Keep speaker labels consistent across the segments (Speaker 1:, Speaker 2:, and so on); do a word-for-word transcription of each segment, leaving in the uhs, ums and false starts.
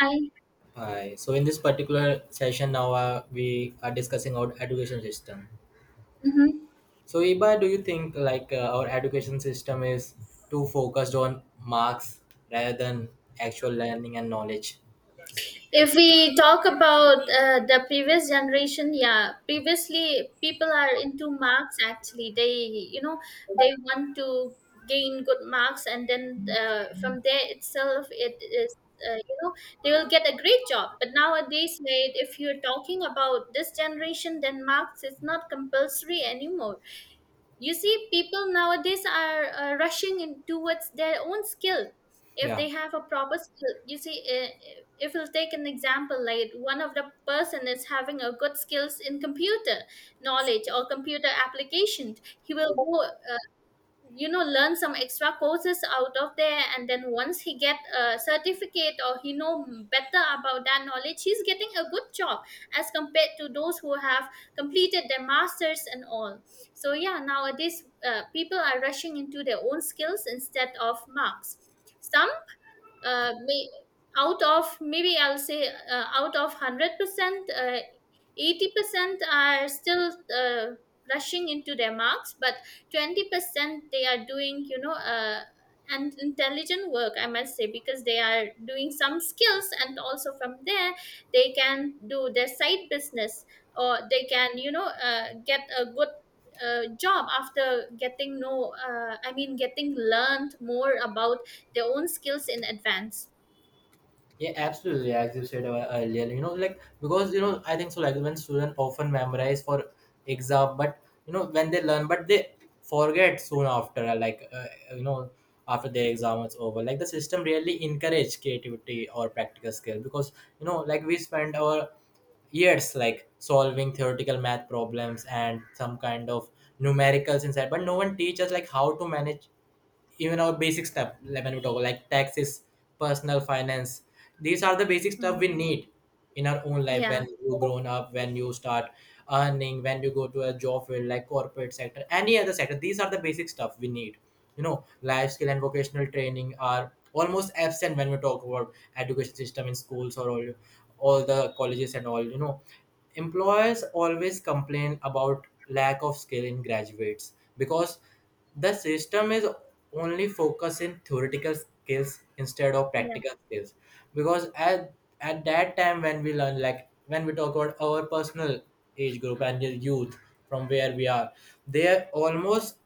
Speaker 1: I,
Speaker 2: Hi. So in this particular session now uh, we are discussing our education system.
Speaker 1: mhm.
Speaker 2: So Iba, do you think like uh, our education system is too focused on marks rather than actual learning and knowledge?
Speaker 1: If we talk about uh, the previous generation, yeah, previously people are into marks actually. They, you know, they want to gain good marks, and then uh, from there itself, it is. Uh, you know they will get a great job. But nowadays, mate, if you're talking about this generation, then marks is not compulsory anymore. You see, people nowadays are uh, rushing in towards their own skill. If
Speaker 2: Yeah.
Speaker 1: they have a proper skill, you see uh, if we'll take an example, like one of the person is having a good skills in computer knowledge or computer application, he will go, uh, you know, learn some extra courses out of there, and then once he get a certificate or he know better about that knowledge, he's getting a good job as compared to those who have completed their masters and all. So yeah, nowadays uh, people are rushing into their own skills instead of marks. some uh, may, Out of maybe, I'll say, uh, out of hundred percent, uh, eighty percent are still uh, rushing into their marks, but twenty percent, they are doing, you know, uh, and intelligent work, I must say, because they are doing some skills, and also from there they can do their side business, or they can, you know, uh, get a good uh, job after getting know uh, I mean getting learned more about their own skills in advance.
Speaker 2: Yeah, absolutely. As you said uh, earlier, you know, like because you know, I think so. Like when students often memorize for exam, but you know, when they learn, but they forget soon after. uh, Like uh, uh, you know, After their exam is over, like the system really encourage creativity or practical skill because you know, like we spend our years like solving theoretical math problems and some kind of numericals inside, but no one teaches like how to manage even our basic stuff, like when we talk like taxes, personal finance. These are the basic stuff
Speaker 1: Mm.
Speaker 2: we need in our own life,
Speaker 1: yeah
Speaker 2: when you grown up, when you start earning, when you go to a job field like corporate sector, any other sector. These are the basic stuff we need, you know. Life skill and vocational training are almost absent when we talk about education system in schools or all all the colleges and all, you know, employers always complain about lack of skill in graduates because the system is only focusing theoretical skills instead of
Speaker 1: yeah
Speaker 2: practical skills. Because at at that time when we learn, like when we talk about our personal age group and the youth, from where we are, they are almost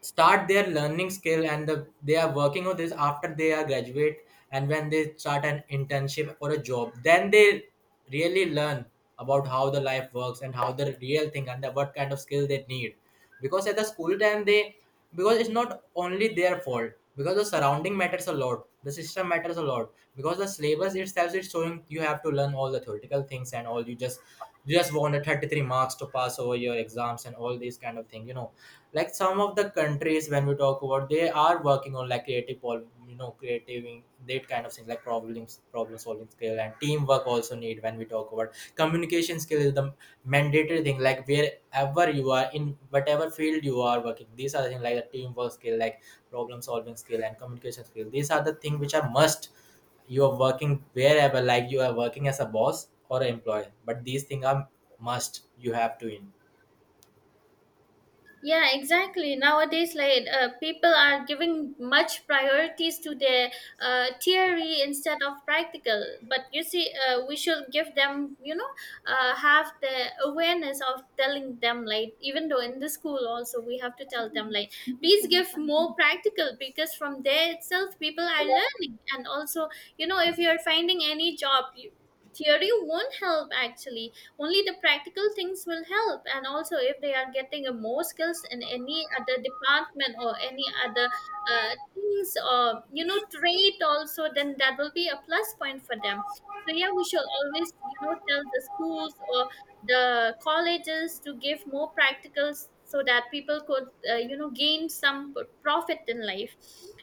Speaker 2: start their learning skill and the, they are working on this after they are graduate, and when they start an internship or a job, then they really learn about how the life works and how the real thing and the, what kind of skill they need. Because at the school time they, because it's not only their fault, because the surrounding matters a lot, the system matters a lot, because the syllabus itself is showing you have to learn all the theoretical things and all. You just you just wanted thirty-three marks to pass over your exams and all these kind of thing, you know, like some of the countries when we talk about, they are working on like creative pol- you know, creative in- that kind of thing, like problems, problem solving skill and teamwork also need. When we talk about communication skill, is the mandatory thing, like wherever you are, in whatever field you are working, these are the things, like the teamwork skill, like problem solving skill and communication skill. These are the things which are must. You are working wherever, like you are working as a boss or an employee, but these things are must, you have to in
Speaker 1: yeah, exactly. Nowadays, like, uh, people are giving much priorities to their uh, theory instead of practical. But you see, uh, we should give them, you know, uh, have the awareness of telling them, like, even though in the school also, we have to tell them, like, please give more practical, because from there itself people are learning. And also, you know, if you're finding any job, you, theory won't help actually. Only the practical things will help. And also, if they are getting uh, more skills in any other department or any other uh, things, or you know, trade also, then that will be a plus point for them. So yeah, we should always, you know, tell the schools or the colleges to give more practicals, so that people could uh, you know, gain some profit in life.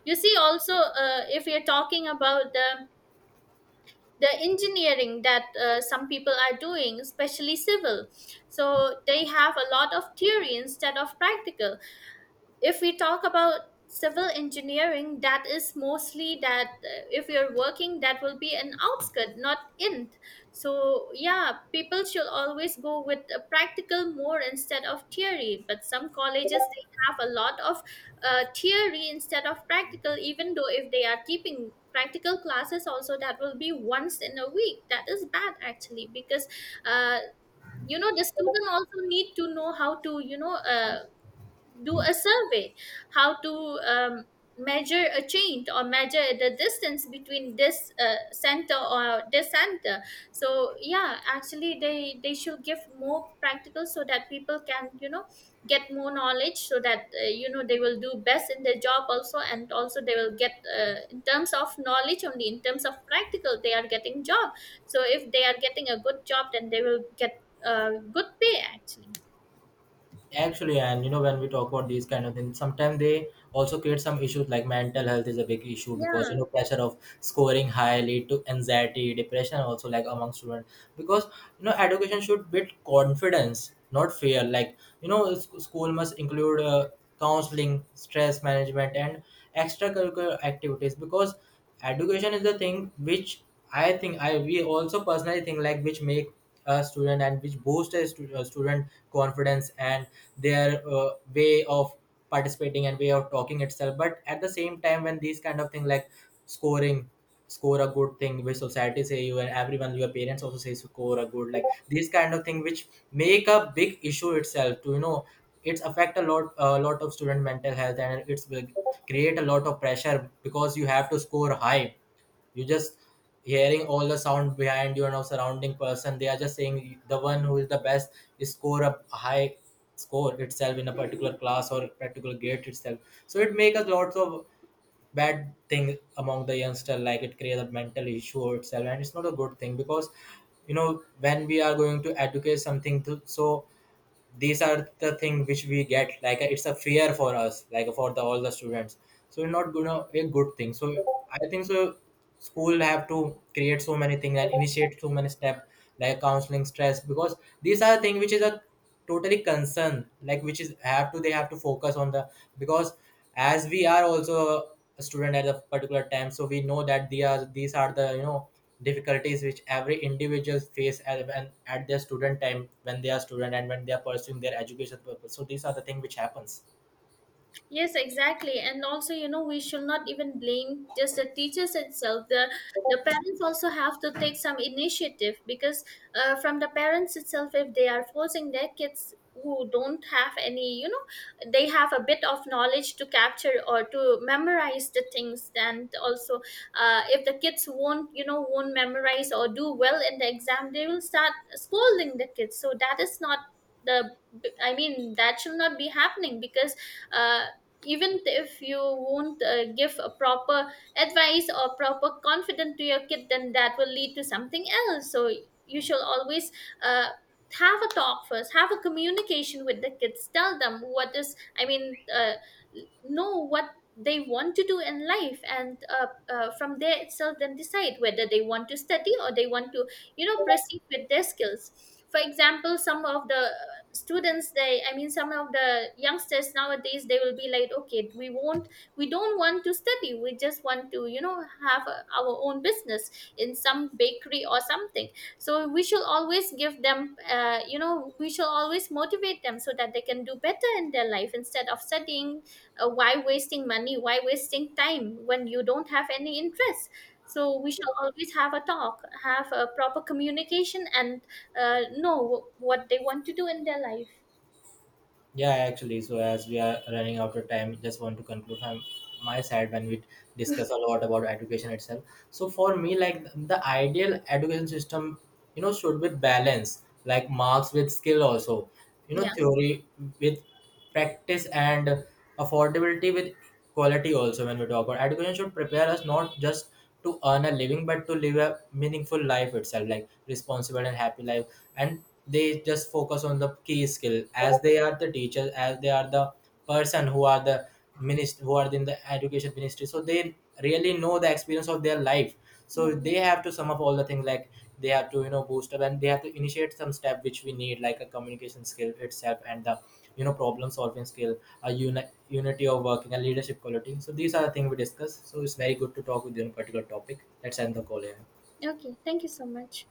Speaker 1: You see, also uh, if we are talking about the the engineering that uh, some people are doing, especially civil, so they have a lot of theory instead of practical. If we talk about civil engineering, that is mostly that, uh, if you're working, that will be an outskirt, not in. So yeah, people should always go with a practical more instead of theory. But some colleges, they have a lot of uh, theory instead of practical. Even though if they are keeping practical classes also, that will be once in a week. That is bad actually, because uh, you know, the student also need to know how to, you know, uh, do a survey, how to um, measure a change or measure the distance between this uh, center or this center. So yeah, actually they they should give more practical so that people can, you know, get more knowledge, so that uh, you know, they will do best in their job also. And also they will get uh, in terms of knowledge only, in terms of practical they are getting job. So if they are getting a good job, then they will get uh, good pay actually.
Speaker 2: actually. And you know, when we talk about these kind of things, sometimes they also create some issues, like mental health is a big issue, because
Speaker 1: Yeah.
Speaker 2: you know, pressure of scoring high lead to anxiety, depression also, like among students. Because you know, education should build confidence, not fear, like you know, sc- school must include uh, counseling, stress management and extracurricular activities. Because education is the thing which, I think I we also personally think, like which make a student and which boost a, stu- a student confidence and their uh, way of participating and way of talking itself. But at the same time, when these kind of thing, like scoring, score a good thing, which society say you, and everyone, your parents also say score a good, like these kind of thing which make a big issue itself, to you know, it's affect a lot, a lot of student mental health, and it's will create a lot of pressure, because you have to score high. You just hearing all the sound behind you and of surrounding person, they are just saying the one who is the best is score a high, score itself in a particular class or particular grade itself. So it makes us lots of bad thing among the youngster, like it creates a mental issue itself, and it's not a good thing. Because you know, when we are going to educate something to, so these are the thing which we get, like uh, it's a fear for us, like for the all the students. So not gonna a good thing. So I think so, school have to create so many things and initiate so many steps, like counseling, stress, because these are thing which is a totally concern, like which is have to, they have to focus on the, because as we are also a student at a particular time, so we know that they are, these are the you know difficulties which every individuals face at, when, at their student time, when they are student and when they are pursuing their education purpose. So these are the thing which happens.
Speaker 1: Yes, exactly. And also, you know, we should not even blame just the teachers itself. The the parents also have to take some initiative, because uh, from the parents itself, if they are forcing their kids, who don't have any, you know, they have a bit of knowledge to capture or to memorize the things. And also, uh, if the kids won't, you know, won't memorize or do well in the exam, they will start scolding the kids. So that is not the. I mean, that should not be happening, because uh, even if you won't uh, give a proper advice or proper confidence to your kid, then that will lead to something else. So you should always uh, have a talk first, have a communication with the kids, tell them what is, I mean, uh, know what they want to do in life. And uh, uh, from there itself, then decide whether they want to study or they want to, you know, proceed with their skills. For example, some of the students, they, I mean, some of the youngsters nowadays, they will be like, okay, we won't we don't want to study, we just want to, you know, have a, our own business in some bakery or something. So we should always give them, uh, you know, we should always motivate them so that they can do better in their life instead of studying. Uh, why wasting money, why wasting time when you don't have any interest? So we should always have a talk, have a proper communication, and uh, know what they want to do in their life.
Speaker 2: Yeah, actually, so as we are running out of time, just want to conclude from my side. When we discuss a lot about education itself, so for me, like the ideal education system, you know, should be balanced, like marks with skill also, you know,
Speaker 1: Yeah,
Speaker 2: theory with practice, and affordability with quality also. When we talk about education, should prepare us not just to earn a living, but to live a meaningful life itself, like responsible and happy life. And they just focus on the key skill, as they are the teachers, as they are the person who are the minister, who are in the education ministry, so they really know the experience of their life. So
Speaker 1: yeah.
Speaker 2: they have to sum up all the things, like they have to you know boost up, and they have to initiate some step which we need, like a communication skill itself, and the you know problem solving skill, a uni- unity of working and leadership quality. So these are the things we discuss. So it's very good to talk with you on a particular topic. Let's end the call here.
Speaker 1: Okay, thank you so much.